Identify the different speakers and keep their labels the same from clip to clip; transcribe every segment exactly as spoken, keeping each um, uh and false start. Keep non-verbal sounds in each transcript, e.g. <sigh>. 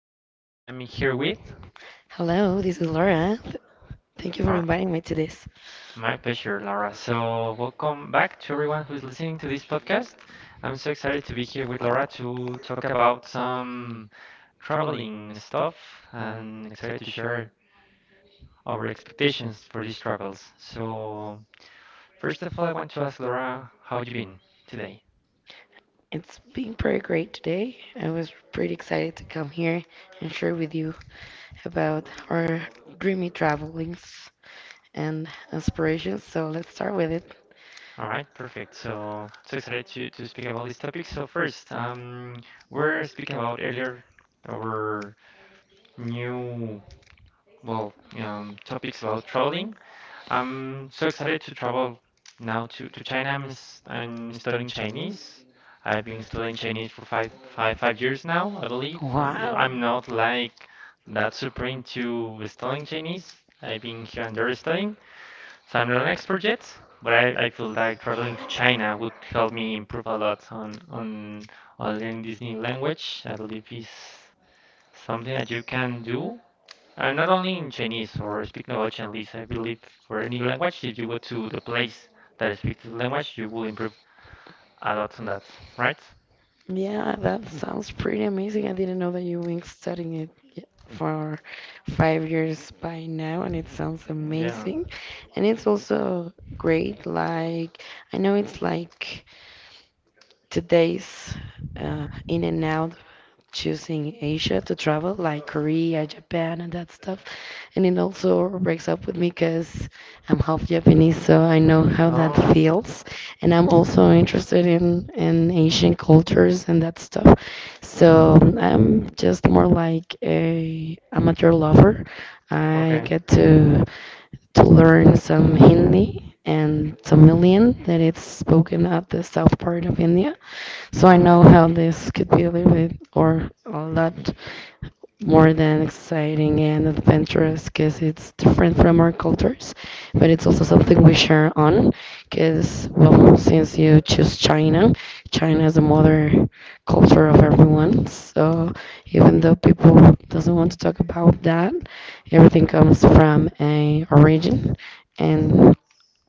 Speaker 1: Jesus and I'm here with
Speaker 2: Hello, this is Laura. Th- Thank you for
Speaker 1: or
Speaker 2: inviting me to this.
Speaker 1: my pleasure Laura. So welcome back to everyone who's listening to this podcast. I'm so excited to be here with Laura to talk about some traveling stuff and excited to share our expectations for these travels. So first of all I want to ask Laura how you been today?
Speaker 2: It's been pretty great today. I was pretty excited to come here and share with you about our dreamy travelings and aspirations. So let's start with it.
Speaker 1: All right, perfect. So so excited to, to speak about this topic. So first, um, we're speaking about earlier our new, well, um, topics about traveling. I'm so excited to travel now to, to China. I'm, s- I'm studying Chinese. I've been studying Chinese for five, five, five years now, I believe. Um, you know,
Speaker 2: Wow.
Speaker 1: I'm not like that super into studying Chinese. I've been here and there studying, so I'm not an expert yet. But I, I feel like traveling to China would help me improve a lot on on on learning this new language. I believe is something that you can do uh, not only in Chinese or speaking about Chinese, I believe for any language, if you go to the place that speaks the language, you will improve a lot on that, right?
Speaker 2: Yeah, that sounds pretty amazing. I didn't know that you've been studying it y- for five years by now, and it sounds
Speaker 1: Yeah.
Speaker 2: amazing. And it's also great. Like, I know it's like today's uh, in and out, choosing Asia to travel, like Korea, Japan, and that stuff. And it also breaks up with me because I'm half Japanese, so I know how that
Speaker 1: Oh,
Speaker 2: feels. And I'm also interested in, in Asian cultures and that stuff. So I'm just more like a amateur lover. I
Speaker 1: okay.
Speaker 2: get to to learn some Hindi and Tamilian that it's spoken at the south part of India. So
Speaker 1: All
Speaker 2: I know
Speaker 1: right.
Speaker 2: how this could be a little bit or a lot more than exciting and adventurous because it's different from our cultures, but it's also something we share on because, well, since you choose China, China is the mother culture of everyone. So even though people doesn't want to talk about that, everything comes from a origin and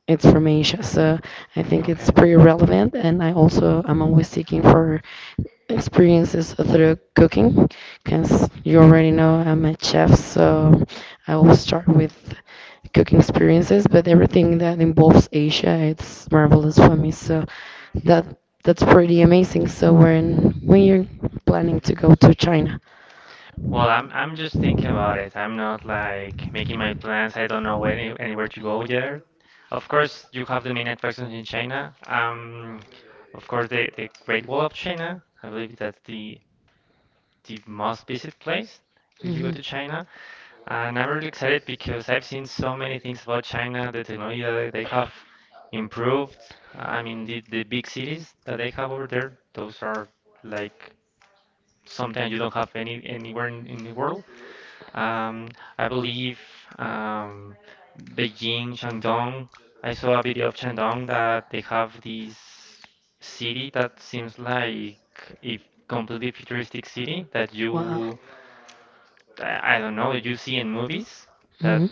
Speaker 2: it's from Asia, so I think it's
Speaker 1: Okay.
Speaker 2: pretty relevant. And I also I'm always seeking for experiences through cooking, because you already know I'm a chef, so I will start with cooking experiences. But everything that involves Asia, it's marvelous for me. So that that's pretty amazing. So when when you're planning to go to China.
Speaker 1: Well, I'm I'm just thinking about it. I'm not like making my plans. I don't know any, anywhere to go yet. Of course, you have the main attractions in China. Um, of course, the the Great Wall of China. I believe that's the the most visit place if you go
Speaker 2: Mhm.
Speaker 1: to China. And I'm really excited because I've seen so many things about China, the technology that they have improved. I mean, the the big cities that they have over there, those are like sometimes you don't have any anywhere in, in the world. Um, I believe um, Beijing, Shandong. I saw a video of Shandong that they have this city that seems like a completely futuristic city that
Speaker 2: Wow.
Speaker 1: you, I I don't know, you see in movies that
Speaker 2: hmm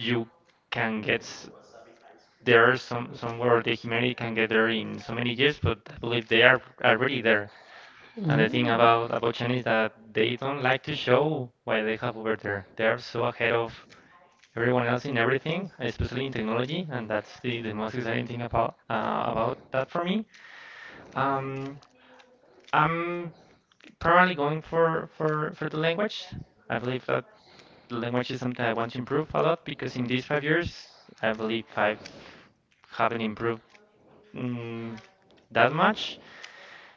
Speaker 1: you can get s- there some somewhere, or the humanity can get there in so many years, but I believe they are already there. And the thing
Speaker 2: mm
Speaker 1: about about China is that they don't like to show what they have over there. They are so ahead of everyone else in everything, especially in technology, and that's the, the most exciting thing about uh, about that for me. Um, I'm primarily going for, for, for the language. I believe that the language is something I want to improve a lot because in these five years, I believe I haven't improved mm, that much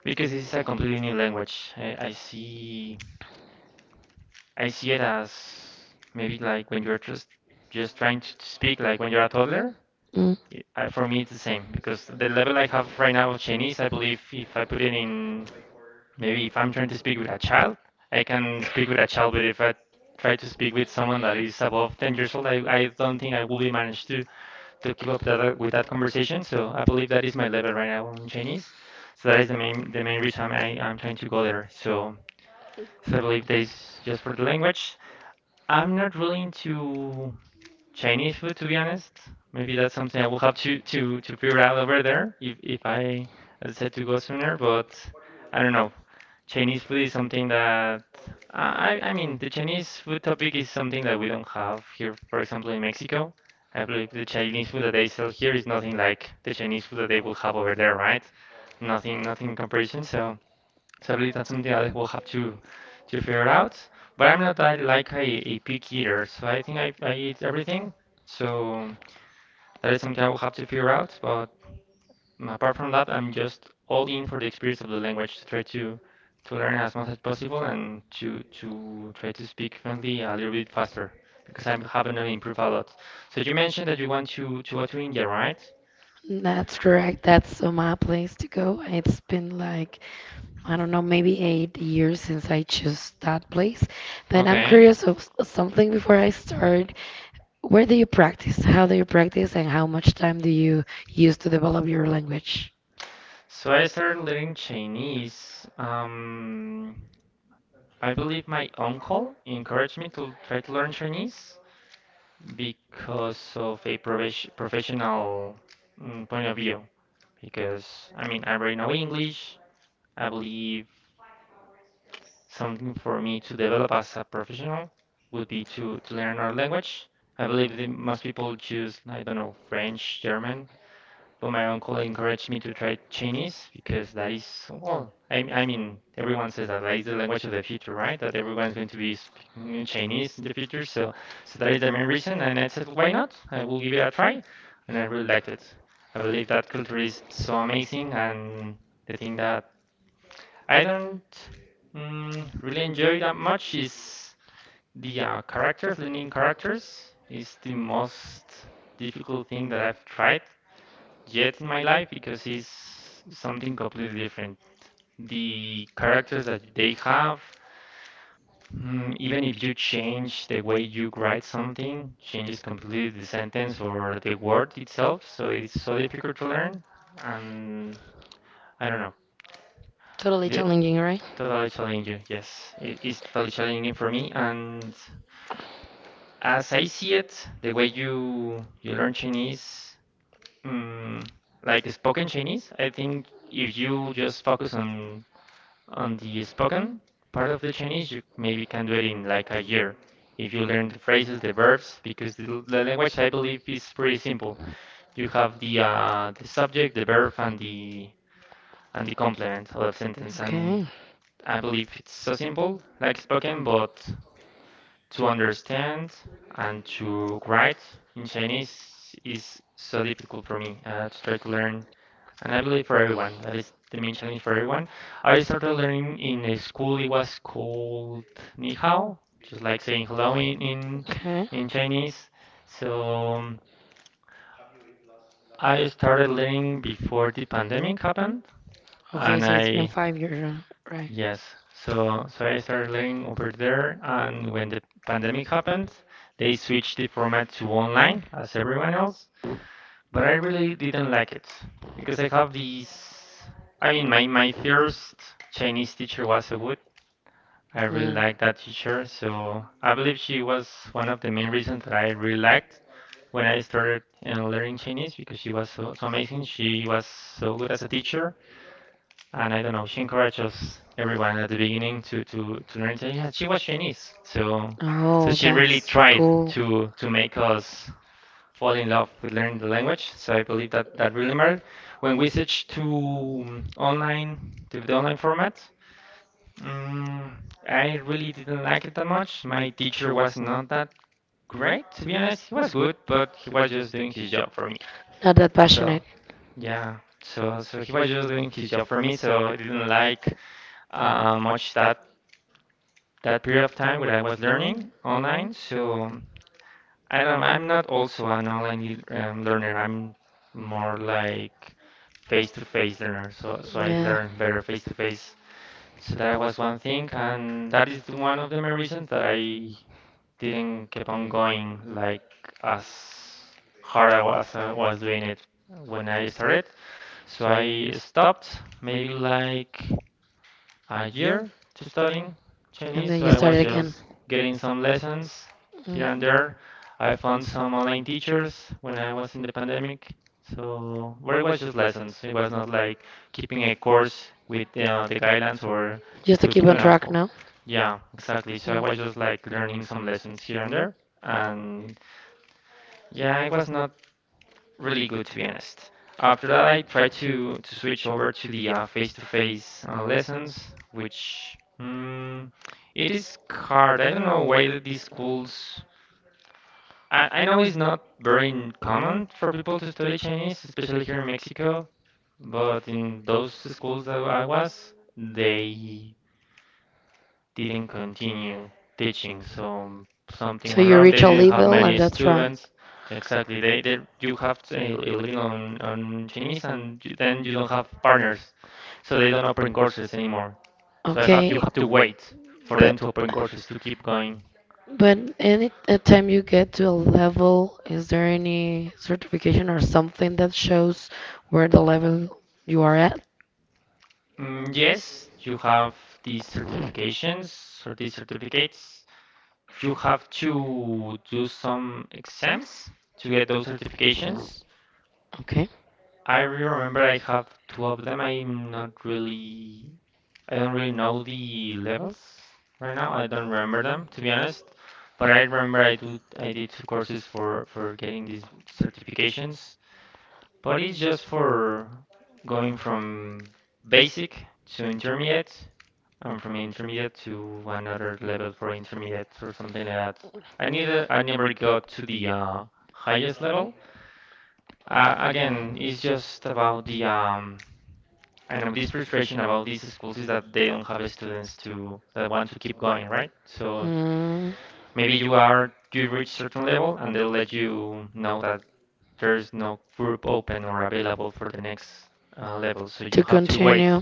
Speaker 1: because this is a completely new language. I, I see I see it as maybe like when you're just just trying to, to speak, like when you're a toddler.
Speaker 2: Mm.
Speaker 1: It- I, for me, it's the same because the level I have right now of Chinese, I believe if I put it in, maybe if I'm trying to speak with a child, I can speak with a child, but if I try to speak with someone that is above ten years old, I, I don't think I will be managed to to keep up that, uh, with that conversation. So I believe that is my level right now in Chinese. So that is the main the main reason I, I'm trying to go there. So, so I believe that is just for the language. I'm not really into Chinese food, to be honest. Maybe that's something I will have to to to figure out over there if if I decide to go sooner. But I don't know. Chinese food is something that I I mean the Chinese food topic is something that we don't have here. For example, in Mexico, I believe the Chinese food that they sell here is nothing like the Chinese food that they will have over there, right? Nothing, nothing in comparison. So. So I believe that's something I will have to to figure out. But I'm not that like a, a pick eater, so I think I, I eat everything. So that is something I will have to figure out. But mm, apart from that, I'm just all in for the experience of the language to try to to learn as much as possible and to to try to speak fluently a little bit faster because I haven't improved a lot. So you mentioned that you want to to go to India, right?
Speaker 2: That's correct. That's uh, my place to go. It's been like, I don't know, maybe eight years since I chose that place. But I'm
Speaker 1: Okay.
Speaker 2: curious of s- something before I start. Where do you practice? How do you practice? And how much time do you use to develop your language?
Speaker 1: So I started learning Chinese. Um, I believe my uncle encouraged me to try to learn Chinese because of a profes- professional mm, point of view. Because I mean, I already know English. I believe something for me to develop as a professional would be to, to learn another language. I believe that most people choose, I don't know, French, German. But my uncle encouraged me to try Chinese because that is, well, I I mean, everyone says that that is the language of the future, right? That everyone's going to be speaking Chinese in the future. So, so that is the main reason. And I said, why not? I will give it a try. And I really liked it. I believe that culture is so amazing. And the thing that I don't mm, really enjoy that much is the uh, characters, learning characters is the most difficult thing that I've tried yet in my life because it's something completely different. The characters that they have, mm, even if you change the way you write something, changes completely the sentence or the word itself, so it is so difficult to learn. And I don't know. Totally
Speaker 2: Totally
Speaker 1: The, challenging,
Speaker 2: challenging,
Speaker 1: right?
Speaker 2: right?
Speaker 1: totally challenging, yes. It is totally challenging for me. And as I see it, the way you you learn Chinese, Mm, like spoken Chinese, I think if you just focus on on the spoken part of the Chinese, you maybe can do it in like a year. If you learn the phrases, the verbs, because the, l- the language I believe is pretty simple. You have the uh, the subject, the verb, and the and the complement of the sentence, and
Speaker 2: Okay.
Speaker 1: I believe it's so simple, like spoken, but to understand and to write in Chinese is so difficult for me uh, to try to learn, and I believe for everyone, that is the main challenge for everyone. I started learning in a school, it was called Ni Hao, just like saying hello in, in,
Speaker 2: Okay.
Speaker 1: in Chinese. So um, I started learning before the pandemic happened,
Speaker 2: Okay,
Speaker 1: and
Speaker 2: so it's been
Speaker 1: I,
Speaker 2: five years, huh? Right?
Speaker 1: yes, so, so I started learning over there, and when the pandemic happened, they switched the format to online as everyone else. But I really didn't like it because I have these. I mean, my my first Chinese teacher was so good. I really
Speaker 2: Mm.
Speaker 1: liked that teacher, so I believe she was one of the main reasons that I really liked when I started uh, learning Chinese because she was so, so amazing. She was so good as a teacher, and I don't know, she encouraged us everyone at the beginning to to to learn Chinese. She was Chinese, so so
Speaker 2: Oh,
Speaker 1: she really
Speaker 2: that's
Speaker 1: tried
Speaker 2: cool.
Speaker 1: to to make us fall in love with learning the language. So I believe that that really matters. When we switch to um, online, to the online format, mm, I really didn't like it that much. My teacher was not that great, to be honest. He was good, but he was just doing his job for me.
Speaker 2: Not that
Speaker 1: So
Speaker 2: passionate.
Speaker 1: yeah, so so he was just doing his job for me. So I didn't like uh, much that that period of time where I was learning online. So I don't, I'm not also an online le- um, learner. I'm more like face-to-face learner. So, so I
Speaker 2: Yeah.
Speaker 1: learn better face-to-face. So that was one thing, and that is the- one of the main reasons that I didn't keep on going like as hard I was, I was doing it when I started. So I stopped maybe like a year to studying
Speaker 2: And
Speaker 1: Chinese,
Speaker 2: then
Speaker 1: so
Speaker 2: you
Speaker 1: I
Speaker 2: started
Speaker 1: was
Speaker 2: again.
Speaker 1: just getting some lessons
Speaker 2: Mm.
Speaker 1: here and there. I found some online teachers when I was in the pandemic, so where it was just lessons. It was not like keeping a course with uh, the guidelines or
Speaker 2: Just to
Speaker 1: to
Speaker 2: keep
Speaker 1: keep
Speaker 2: on
Speaker 1: an up.
Speaker 2: track now.
Speaker 1: Yeah, exactly. So I
Speaker 2: Mm.
Speaker 1: was just like learning some lessons here and there, and yeah, I was not really good to be honest. After that, I tried to to switch over to the uh, face-to-face uh, lessons, which mm, it is hard. I don't know why that these schools. I, I know it's not very n- common for people to study Chinese, especially here in Mexico, but in those schools that I was, they didn't continue teaching, so something
Speaker 2: So
Speaker 1: went
Speaker 2: you
Speaker 1: wrong. They
Speaker 2: reach a
Speaker 1: didn't have
Speaker 2: level, and
Speaker 1: many
Speaker 2: that's right.
Speaker 1: students. Exactly. They, they you have to, uh, living on on Chinese, and you, then you don't have partners, so they don't open courses anymore. So I have you
Speaker 2: Okay,
Speaker 1: have to wait for
Speaker 2: but
Speaker 1: them to open courses to keep going.
Speaker 2: but any uh, time you get to a level, is there any certification or something that shows where the level you are at?
Speaker 1: Mm, yes, you have these certifications or these certificates. You have to do some exams to get those certifications.
Speaker 2: Okay.
Speaker 1: I really remember I have two of them. I'm not really, I don't really know the levels right now. I don't remember them, to be honest. But I remember I do I did two courses for for getting these certifications. But it's just for going from basic to intermediate and from intermediate to another level for intermediate or something like that. I neither I never got to the uh, highest level. Uh, again, it's just about the um, I know this frustration about these schools is that they don't have students to that want to keep going, right? So
Speaker 2: Mm,
Speaker 1: maybe you are you reach certain level and they'll let you know that there's no group open or available for the next uh, level, so
Speaker 2: to
Speaker 1: you have to
Speaker 2: continue,
Speaker 1: wait.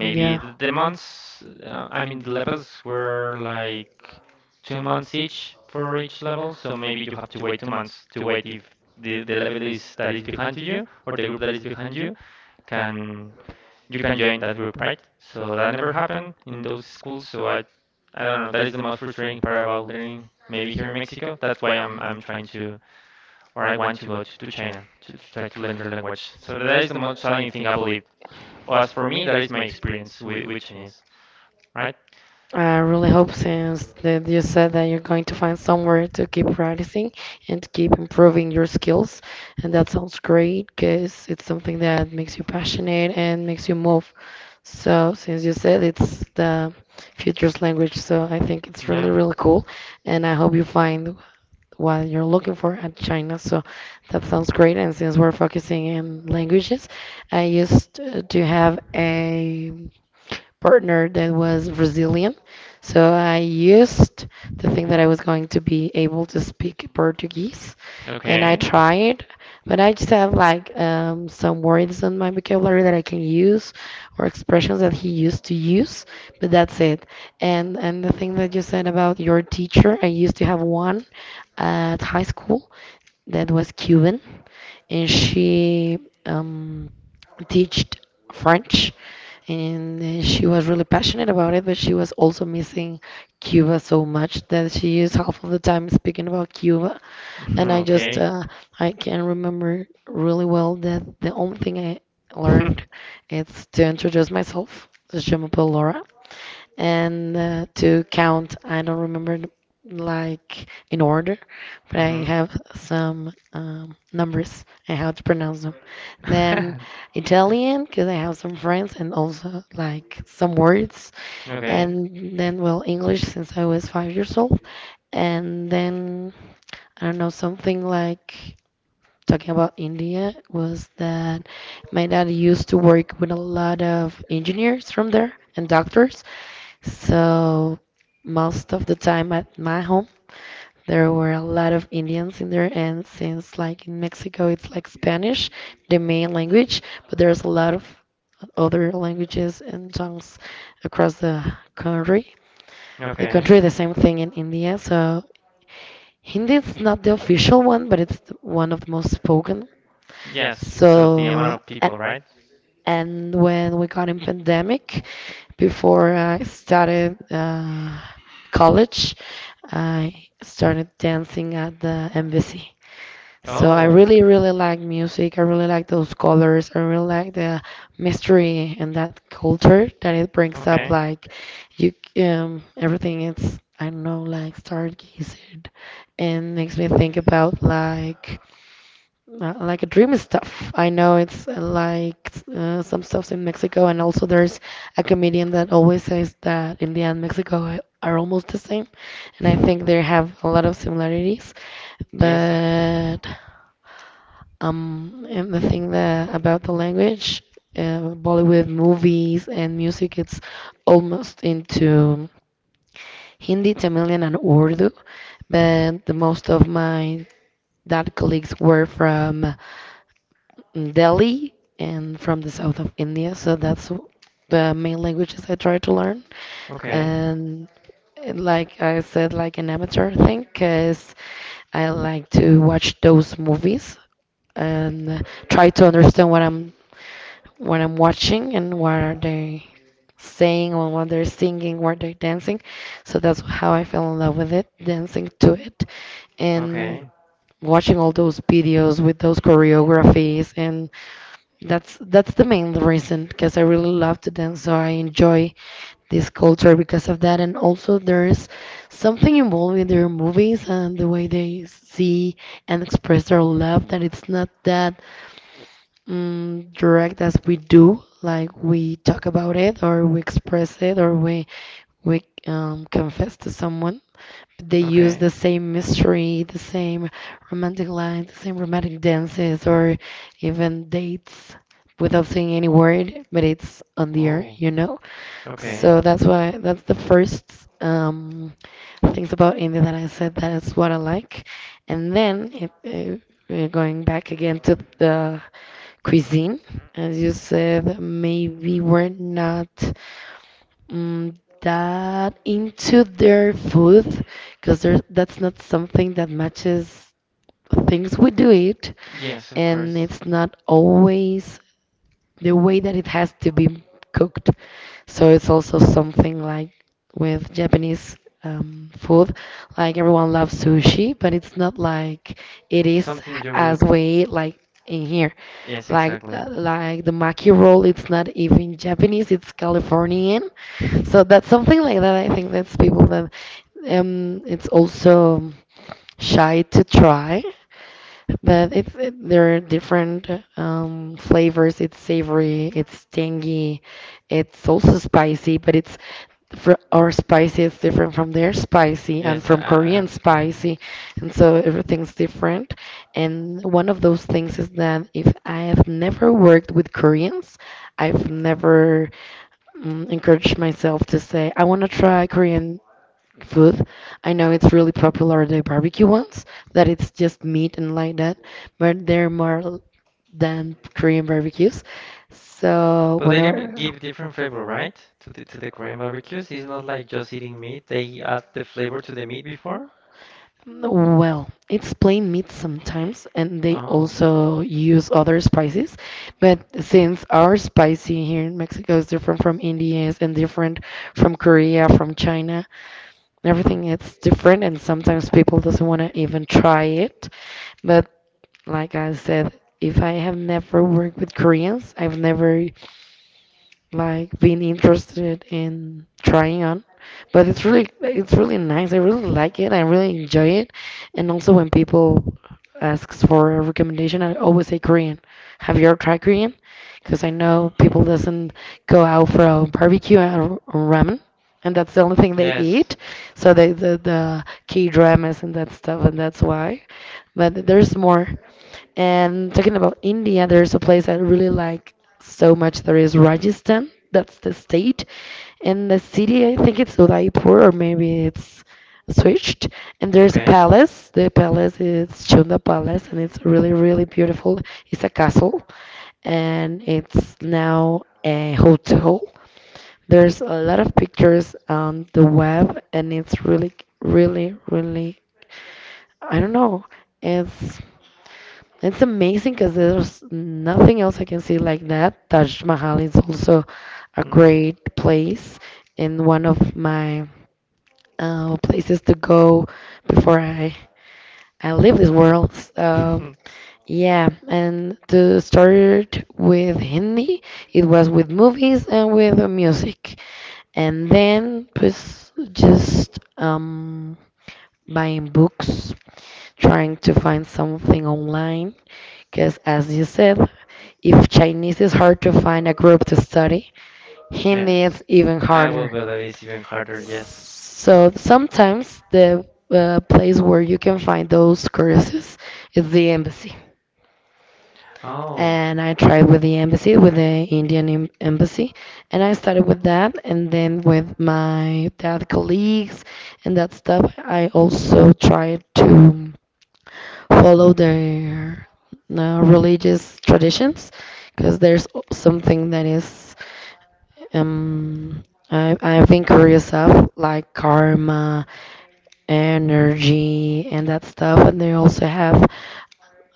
Speaker 1: Maybe the, the months, uh, I mean the levels were like two months each for each level, so maybe you have to wait two months to wait if the, the level is that is behind you or the group that is behind you can you can join that group, right? So that never happened in those schools. So I, I don't know. That is the most frustrating part about learning. Maybe here in Mexico, that's why I'm I'm trying to, or I want to go to, to China to, to try to learn their language. So that is the most challenging thing I believe. Well, as for me, that is my experience with, with Chinese, right?
Speaker 2: I really hope since that you said that you're going to find somewhere to keep practicing and to keep improving your skills. And that sounds great because it's something that makes you passionate and makes you move. So since you said it's the future's language, so I think it's
Speaker 1: Yeah.
Speaker 2: really, really cool. And I hope you find what you're looking for at China. So that sounds great. And since we're focusing in languages, I used to have a partner that was Brazilian. So I used to think that I was going to be able to speak Portuguese, and I
Speaker 1: Okay. <laughs>
Speaker 2: tried, but I just have like um, some words on my vocabulary that I can use or expressions that he used to use, but that's it. And and the thing that you said about your teacher, I used to have one at high school that was Cuban, and she um, teached French, and uh, she was really passionate about it, but she was also missing Cuba so much that she is half of the time speaking about Cuba. And I just,
Speaker 1: Okay.
Speaker 2: uh, I can remember really well that the only thing I learned
Speaker 1: <laughs>
Speaker 2: is to introduce myself. Je m'appelle Laura, and uh, to count. I don't remember like in order, but I
Speaker 1: Hmm.
Speaker 2: have some um, numbers and how to pronounce them. Then
Speaker 1: <laughs>
Speaker 2: Italian because I have some friends and also like some words,
Speaker 1: Okay.
Speaker 2: and then well English since I was five years old, and then I don't know something like talking about India was that my dad used to work with a lot of engineers from there and doctors. So most of the time at my home, there were a lot of Indians in there, and since like in Mexico, it's like Spanish, the main language, but there's a lot of other languages and tongues across the country. The
Speaker 1: Okay.
Speaker 2: country, the same thing in India. So Hindi is not the official one, but it's the- one of the most spoken.
Speaker 1: Yes, because of the amount
Speaker 2: So,
Speaker 1: of
Speaker 2: and,
Speaker 1: people, right?
Speaker 2: and when we got in pandemic, before I started uh, college, I started dancing at the embassy. So I
Speaker 1: Oh,
Speaker 2: really, really like music. I really like those colors. I really like the mystery and that culture that it brings up.
Speaker 1: okay. <laughs>
Speaker 2: Like you, c- um, everything it's I don't know, like stargazing, and makes me think about like uh, like a dream stuff. I know it's uh, like uh, some stuffs in Mexico, and also there's a comedian that always says that India and Mexico a- are almost the same, and I think they have a lot of similarities.
Speaker 1: Yes, I,
Speaker 2: But um, and the thing that about the language, uh, Bollywood movies and music, it's almost into Hindi, Tamilian, and Urdu. But the most of my dad colleagues were from mm, Delhi and from the south of India. So that's w- the main languages I try to learn.
Speaker 1: okay,
Speaker 2: And uh, like I said, like an amateur thing, because I like to watch those movies and uh, try to understand what I'm what I'm watching and what are they saying or what they're singing, what they're dancing. So that's how I fell in love with it, dancing to it and
Speaker 1: okay,
Speaker 2: watching all those videos with those choreographies, and that's that's the main reason because I really love to dance, so I enjoy this culture because of that. And also, there's something involved in their movies and the way they see and express their love that it's not that mm direct as we do. Like we talk about it, or we express it, or we we um, confess to someone. They use
Speaker 1: okay.
Speaker 2: the same mystery, the same romantic lines, the same romantic dances, or even dates without saying any word, but it's on the air,
Speaker 1: Oh,
Speaker 2: you know?
Speaker 1: so okay.
Speaker 2: So that's why that's the first um, things about India that I said that is what I like. And then it, uh, uh, going back again to the cuisine, as you said, maybe we're not mm, that into their food because that's not something that matches things we do eat,
Speaker 1: Yes, of
Speaker 2: and
Speaker 1: course.
Speaker 2: it's not always the way that it has to be cooked. So it's also something like with Japanese um, food, like everyone loves sushi, but it's not like it is
Speaker 1: Something you would.
Speaker 2: as we eat like in here.
Speaker 1: Yes,
Speaker 2: Like
Speaker 1: exactly.
Speaker 2: uh, like the maki roll, it's not even Japanese, it's Californian. So that's something like that. I think that's people that um, it's also shy to try. But it's it, there are different um, flavors. It's savory, it's tangy, it's also spicy, but it's fr our spicy is different from their spicy and
Speaker 1: Yes, I,
Speaker 2: from
Speaker 1: I-
Speaker 2: Korean
Speaker 1: have learned
Speaker 2: spicy,
Speaker 1: that.
Speaker 2: and so everything's different. And one of those things is that if I have never worked with Koreans, I've never mm, encouraged myself to say I want to try Korean food. I know it's really popular, the barbecue ones, that it's just meat and like that, but they're more than Korean barbecues. So
Speaker 1: But they give,
Speaker 2: whenever,
Speaker 1: give different flavor, right? To the to the Korean barbecues. It's not like just eating meat. They add the flavor to the meat before.
Speaker 2: well, it's plain meat sometimes, and they
Speaker 1: Oh.
Speaker 2: also use other spices. But since our spicy here in Mexico is different from India's and different from Korea, from China,
Speaker 1: Mm-hmm.
Speaker 2: everything it's different, and sometimes people doesn't want to even try it. But like I said, if I have never worked with Koreans, I've never like been interested in trying on. But it's
Speaker 1: Mm-hmm.
Speaker 2: really it's really nice. I really like it. I really enjoy it. And also when people asks for a recommendation, I always say Korean. Have you ever tried Korean? Because I know people doesn't go out for a barbecue and ramen, and that's the only thing they
Speaker 1: Yes.
Speaker 2: eat. So they the the K dramas and that stuff, and that's why. But there's more. And talking about India, there's a place I really like so much. There is Rajasthan. That's the state. And the city, I think it's Udaipur or maybe it's switched. And there's a palace. The palace is Chunda Palace and it's really, really beautiful. It's a castle and it's now a hotel. There's a lot of pictures on the web and it's really, really, really, I don't know. It's it's amazing because there's nothing else I can see like that. Taj Mahal is also a great
Speaker 1: <laughs>
Speaker 2: place and one of my uh, places to go before I, I leave this world. So, yeah, and to start with Hindi, it was with movies and with the music. And then pues, just um, buying books, trying to find something online. Because, as you said, if Chinese is hard to find a group to study,
Speaker 1: it <laughs>
Speaker 2: Hindi
Speaker 1: Yes.
Speaker 2: is even
Speaker 1: I harder. Will
Speaker 2: harder.
Speaker 1: harder. Believe it's even harder, yes.
Speaker 2: So, sometimes the uh, place where you can find those courses is the embassy.
Speaker 1: Oh,
Speaker 2: And I tried with the embassy, with the Indian em- embassy, and I started with that. And then with my dad colleagues and that stuff, I also tried to follow their uh, religious traditions because there's something that is um I, I've been curious of like karma, energy, and that stuff, and they also have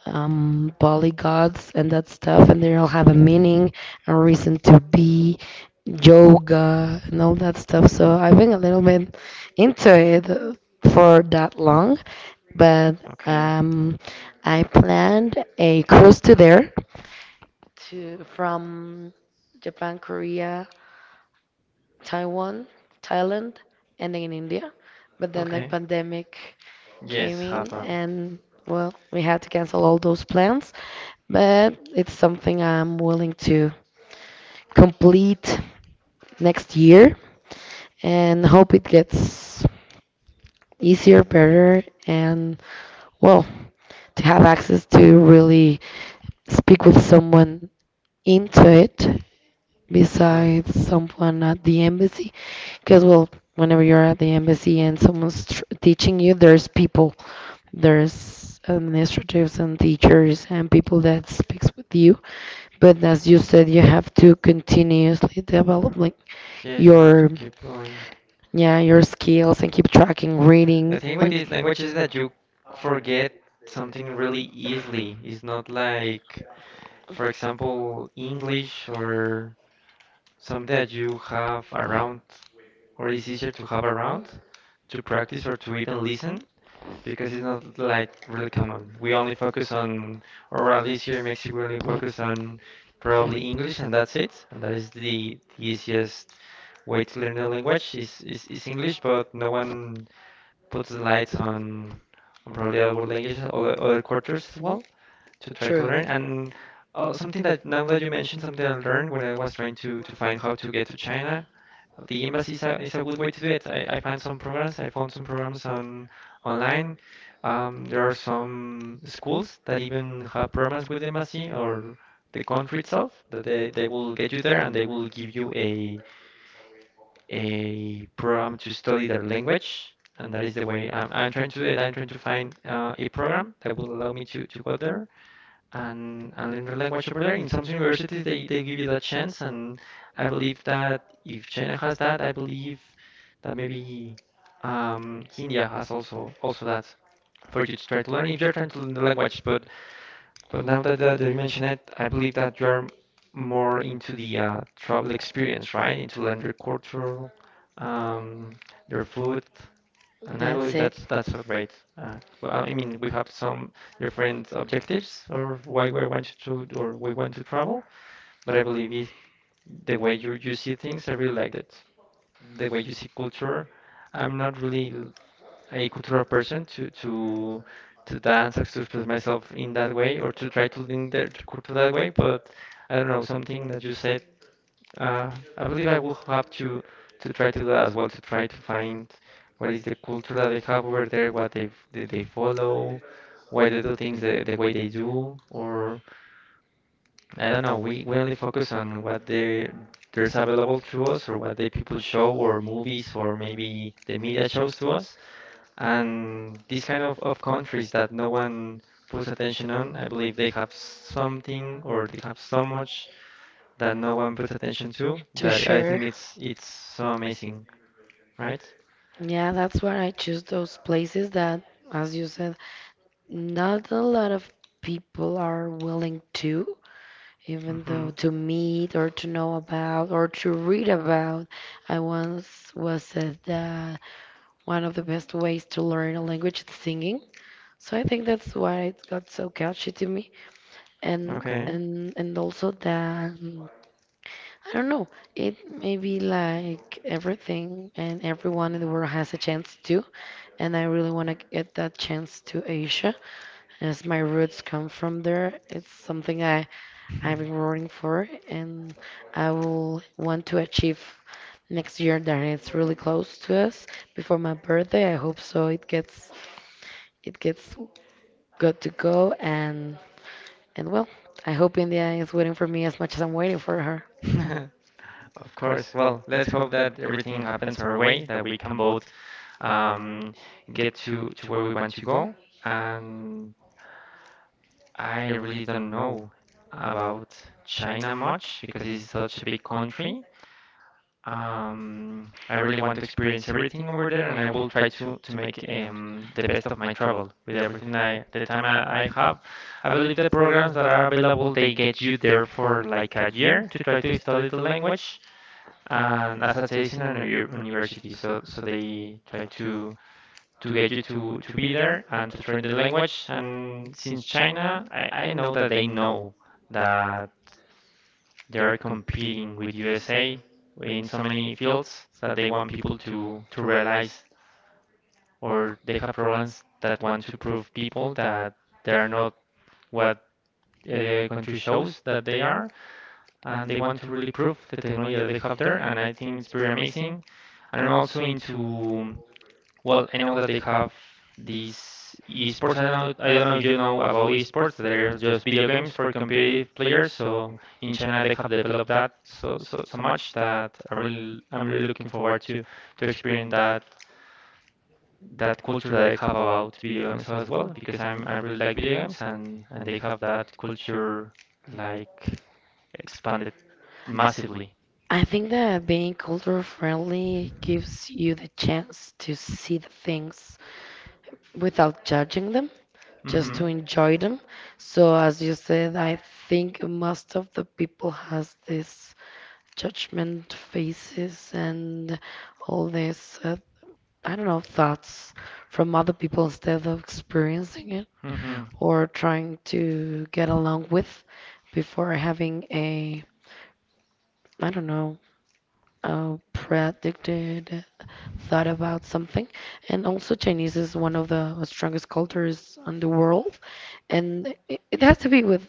Speaker 2: um, polygods and that stuff, and they all have a meaning, a reason to be, yoga, and all that stuff. So I've been a little bit into it uh, for that long, but
Speaker 1: okay.
Speaker 2: um, I planned a cruise to there to from Japan, Korea, Taiwan, Thailand, and in India. But then the pandemic came
Speaker 1: Yes,
Speaker 2: in,
Speaker 1: happened.
Speaker 2: and well, we had to cancel all those plans. But it's something I'm willing to complete next year and hope it gets easier, better, and well, to have access to really speak with someone into it besides someone at the embassy because well, whenever you're at the embassy and someone's tr- teaching you, there's people, there's administratives and teachers and people that speaks with you. But as you said, you have to continuously developing
Speaker 1: Yes,
Speaker 2: your,
Speaker 1: keep going.
Speaker 2: yeah, your skills and keep tracking
Speaker 1: The
Speaker 2: reading
Speaker 1: thing with
Speaker 2: and
Speaker 1: this language is that you forget something really easily. It's not like, for example, English or something that you have around or is easier to have around to practice or to even listen because it's not like really common. We only focus on, or at least here in Mexico, we only focus on probably English and that's it. And that is the, the easiest way to learn the language is, is, is English, but no one put the lights on on probably other languages, other other cultures as well to try to
Speaker 2: true,
Speaker 1: learn. And uh, something that now that you mentioned, something I learned when I was trying to to find how to get to China, the embassy is a, is a good way to do it. I, I find some programs. I found some programs on online. Um, there are some schools that even have programs with the embassy or the country itself that they, they will get you there and they will give you a a program to study their language. And that is the way I'm, I'm trying to do it. I'm trying to find uh, a program that will allow me to, to go there and, and learn the language over there. In some universities, they, they give you that chance. And I believe that if China has that, I believe that maybe um, India has also also that for you to try to learn if you're trying to learn the language. But but now that, that that you mention it, I believe that you are more into the uh, travel experience, right? Into learn their culture, um, their food, and I
Speaker 2: that's
Speaker 1: believe
Speaker 2: it,
Speaker 1: that's that's a great. Uh, well, I mean, we have some different objectives or why we want to or we want to travel, but I believe it, the way you you see things, I really liked it. The way you see culture, I'm not really a cultural person to to to dance or to express myself in that way or to try to link their to culture that way. But I don't know, something that you said, uh, I believe I will have to to try to do that as well, to try to find what is the culture that they have over there, what they they, they follow, why they do things the, the way they do, or I don't know, we, we only focus on what they there's available to us or what the people show or movies or maybe the media shows to us and these kind of, of countries that no one puts attention on, I believe they have something or they have so much that no one puts attention to
Speaker 2: to
Speaker 1: that I
Speaker 2: share,
Speaker 1: think it's it's so amazing, right?
Speaker 2: yeah, that's why I choose those places that, as you said, not a lot of people are willing to, even
Speaker 1: Mm-hmm.
Speaker 2: though to meet or to know about or to read about. I once was said that one of the best ways to learn a language is singing. So I think that's why it got so catchy to me. And
Speaker 1: Okay.
Speaker 2: and and also that mm, I don't know, it may be like everything and everyone in the world has a chance to, and I really want to get that chance to Asia. As my roots come from there, it's something I, I've been rooting for and I will want to achieve next year that it's really close to us before my birthday. I hope so it gets it gets good to go and and well, I hope India is waiting for me as much as I'm waiting for her.
Speaker 1: <laughs> Of course. Well, let's hope that everything happens our way, that we can both um, get to, to where we want to go. And I really don't know about China much because it's such a big country. Um, I really want to experience everything over there, and I will try to to make um, the best of my travel with everything I the time I, I have. I believe the programs that are available they get you there for like a year to try to study the language and as a citizen university. So so they try to to get you to to be there and to learn the language. And since China, I I know that they know that they are competing with U S A in so many fields that they want people to to realize or they have programs that want to prove people that they are not what the country shows that they are and they want to really prove the technology that they have there and I think it's very amazing. And I'm also into well, I know that they have these esports. I know I don't know if you know about esports. They're just video games for competitive players. So in China, they have developed that so so, so much that I really I'm really looking forward to to experience that that culture that they have about video games as well because I'm I really like video games and and they have that culture like expanded
Speaker 2: I
Speaker 1: massively.
Speaker 2: I think that being culture friendly gives you the chance to see the things without judging them, just
Speaker 1: Hmm.
Speaker 2: to enjoy them. So as you said, I think most of the people has this judgment faces and all this uh, I don't know, thoughts from other people instead of experiencing it
Speaker 1: Hmm.
Speaker 2: or trying to get along with before having a, I don't know, a predicted thought about something. And also Chinese is one of the strongest cultures on the world, and it, it has to be with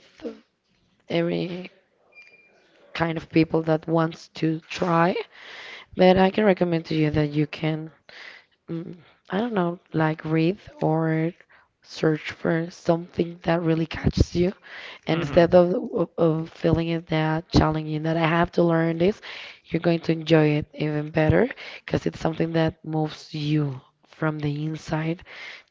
Speaker 2: every kind of people that wants to try. But I can recommend to you that you can, mm, I don't know, like read or search for something that really catches you. And
Speaker 1: Hmm.
Speaker 2: instead of, of, of feeling it that challenging that I have to learn this, you're going to enjoy it even better because it's something that moves you from the inside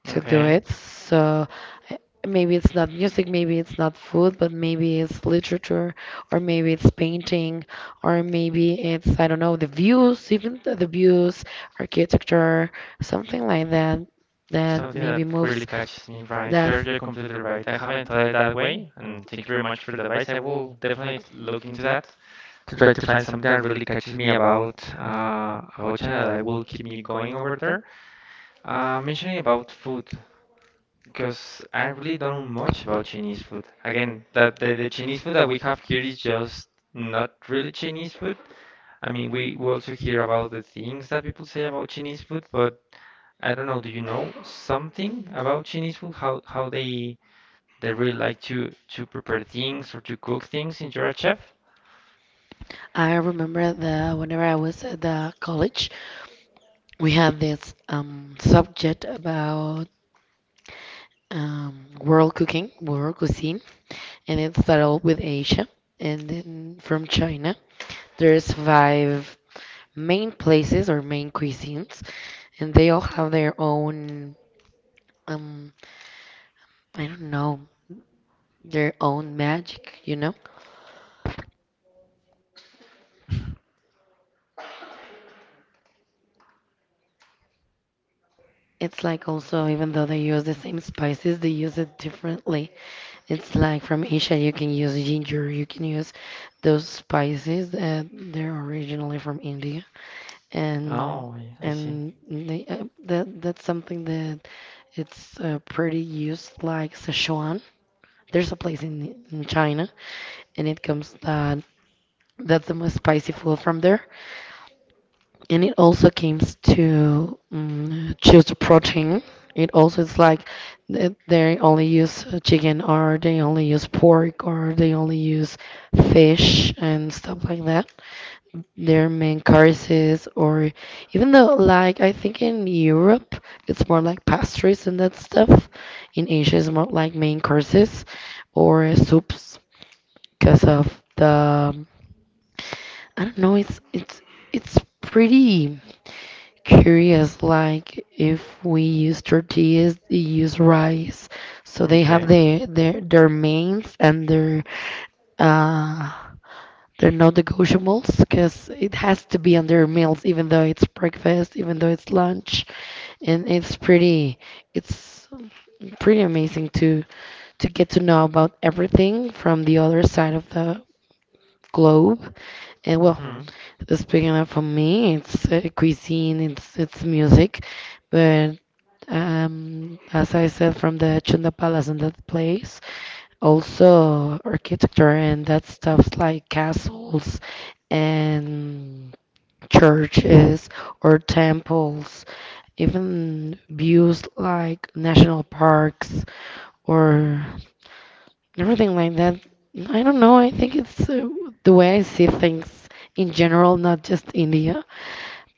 Speaker 2: to do
Speaker 1: Okay.
Speaker 2: it. So I- maybe it's not music, maybe it's not food, but maybe it's literature, or maybe it's painting, or maybe it's, I don't know, the views, even the the views, architecture, something like that, that
Speaker 1: Something
Speaker 2: maybe
Speaker 1: that really
Speaker 2: moves
Speaker 1: catches me, right?
Speaker 2: that.
Speaker 1: You're you're completely right. I haven't thought it that way, and thank you very much for the advice. I will definitely t- look into that to try to find something that really catches me about uh, about China that will keep me going over there. Uh, mentioning about food, because I really don't know much about Chinese food. Again, that the, the Chinese food that we have here is just not really Chinese food. I mean, we, we also hear about the things that people say about Chinese food, but I don't know, do you know something about Chinese food? How how they they really like to to prepare things or to cook things in you're a chef?
Speaker 2: I remember the whenever I was at the college, we had this um, subject about um, world cooking, world cuisine, and it started with Asia and then from China. There's five main places or main cuisines, and they all have their own, um, I don't know, their own magic, you know? It's like also, even though they use the same spices, they use it differently. It's like from Asia, you can use ginger, you can use those spices that they're originally from India, and
Speaker 1: Oh, I, I see.
Speaker 2: and they, uh, that that's something that it's uh, pretty used, like Sichuan. There's a place in, in China, and it comes that that's the most spicy food from there. And it also comes to mm choose the protein. It also is like th- they only use chicken or they only use pork or they only use fish and stuff like that. Their main courses or even though like I think in Europe it's more like pastries and that stuff. In Asia it's more like main courses or soups because of the, I don't know, it's it's it's pretty curious, like if we use tortillas, they use rice. So they have
Speaker 1: Okay.
Speaker 2: their their their mains and their uh they're non-negotiables because it has to be on their meals, even though it's breakfast, even though it's lunch, and it's pretty, it's pretty amazing to to get to know about everything from the other side of the globe, and well,
Speaker 1: Mhm.
Speaker 2: speaking of, for me, it's uh, cuisine, it's it's music, but um, as I said, from the Chunda Palace and that place, also architecture and that stuff like castles and churches or temples, even views like national parks or everything like that. I don't know. I think it's uh, the way I see things in general, not just India.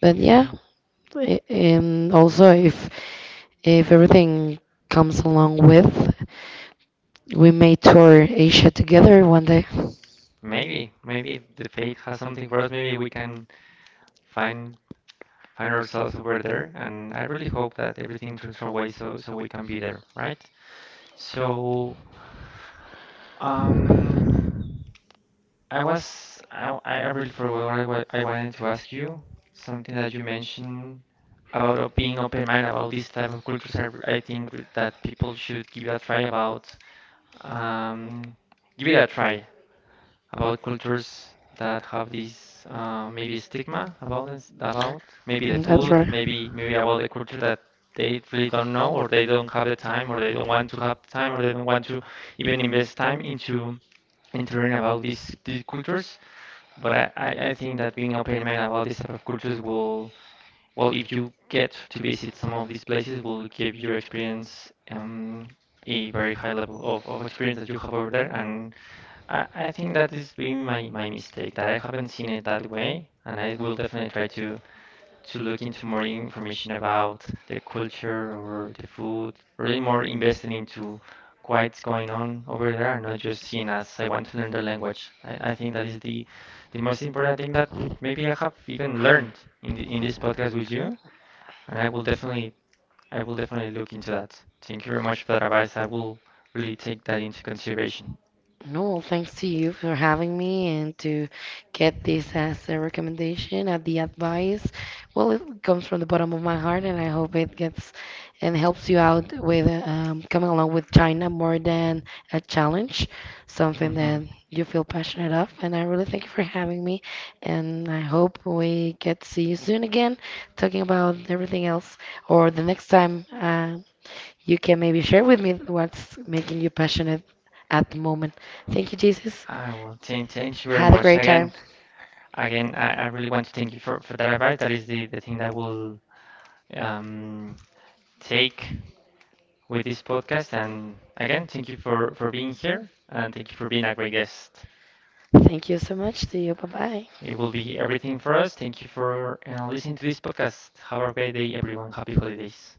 Speaker 2: But yeah,
Speaker 1: <laughs>
Speaker 2: A- And also, if if everything comes along with, we may tour Asia together one day.
Speaker 1: Maybe, maybe the fate has something for us. Maybe we can find find ourselves over there. And I really hope that everything turns our way so so we can be there, right? So, um, I was I I really forgot what I wa I wanted to ask you. Something that you mentioned about op- being open-minded about this type of cultures. I r- I think w- that people should give it a try about um give it a try about cultures that have this uh, maybe stigma about this- about maybe the
Speaker 2: Mm, that's
Speaker 1: food,
Speaker 2: right.
Speaker 1: maybe maybe about the culture that they really don't know or they don't have the time or they don't want to have the time or they don't want to even invest time into into learning about these these cultures. But I, I, I think that being open-minded about this type of cultures will, well, if you get to visit some of these places, will give your experience um, a very high level of, of experience that you have over there. And I, I think that is being my, my mistake, that I haven't seen it that way. And I will definitely try to to look into more information about the culture or the food, really more invested into what's going on over there and not just seen as I want to learn the language. I, I think that is the the most important thing that maybe I have even learned in the, in this podcast with you, and I will definitely I will definitely look into that. Thank you very much for that advice. I will really take that into consideration.
Speaker 2: No, thanks to you for having me and to get this as a recommendation and the advice. Well, it comes from the bottom of my heart, and I hope it gets and helps you out with uh, um, coming along with China more than a challenge, something
Speaker 1: Mhm.
Speaker 2: that you feel passionate of. And I really thank you for having me, and I hope we get to see you soon again, talking about everything else, or the next time uh, you can maybe share with me what's making you passionate at the moment. Thank you, Jesus.
Speaker 1: I will thank thank you very
Speaker 2: Had a
Speaker 1: much
Speaker 2: great
Speaker 1: again.
Speaker 2: time.
Speaker 1: Again, I, I really want to thank you for, for that advice. That is the, the thing that will um, take with this podcast. And again, thank you for, for being here and thank you for being a great guest.
Speaker 2: Thank you so much. See you. Bye bye.
Speaker 1: It will be everything for us. Thank you for uh, listening to this podcast. Have a great day, everyone. Happy holidays.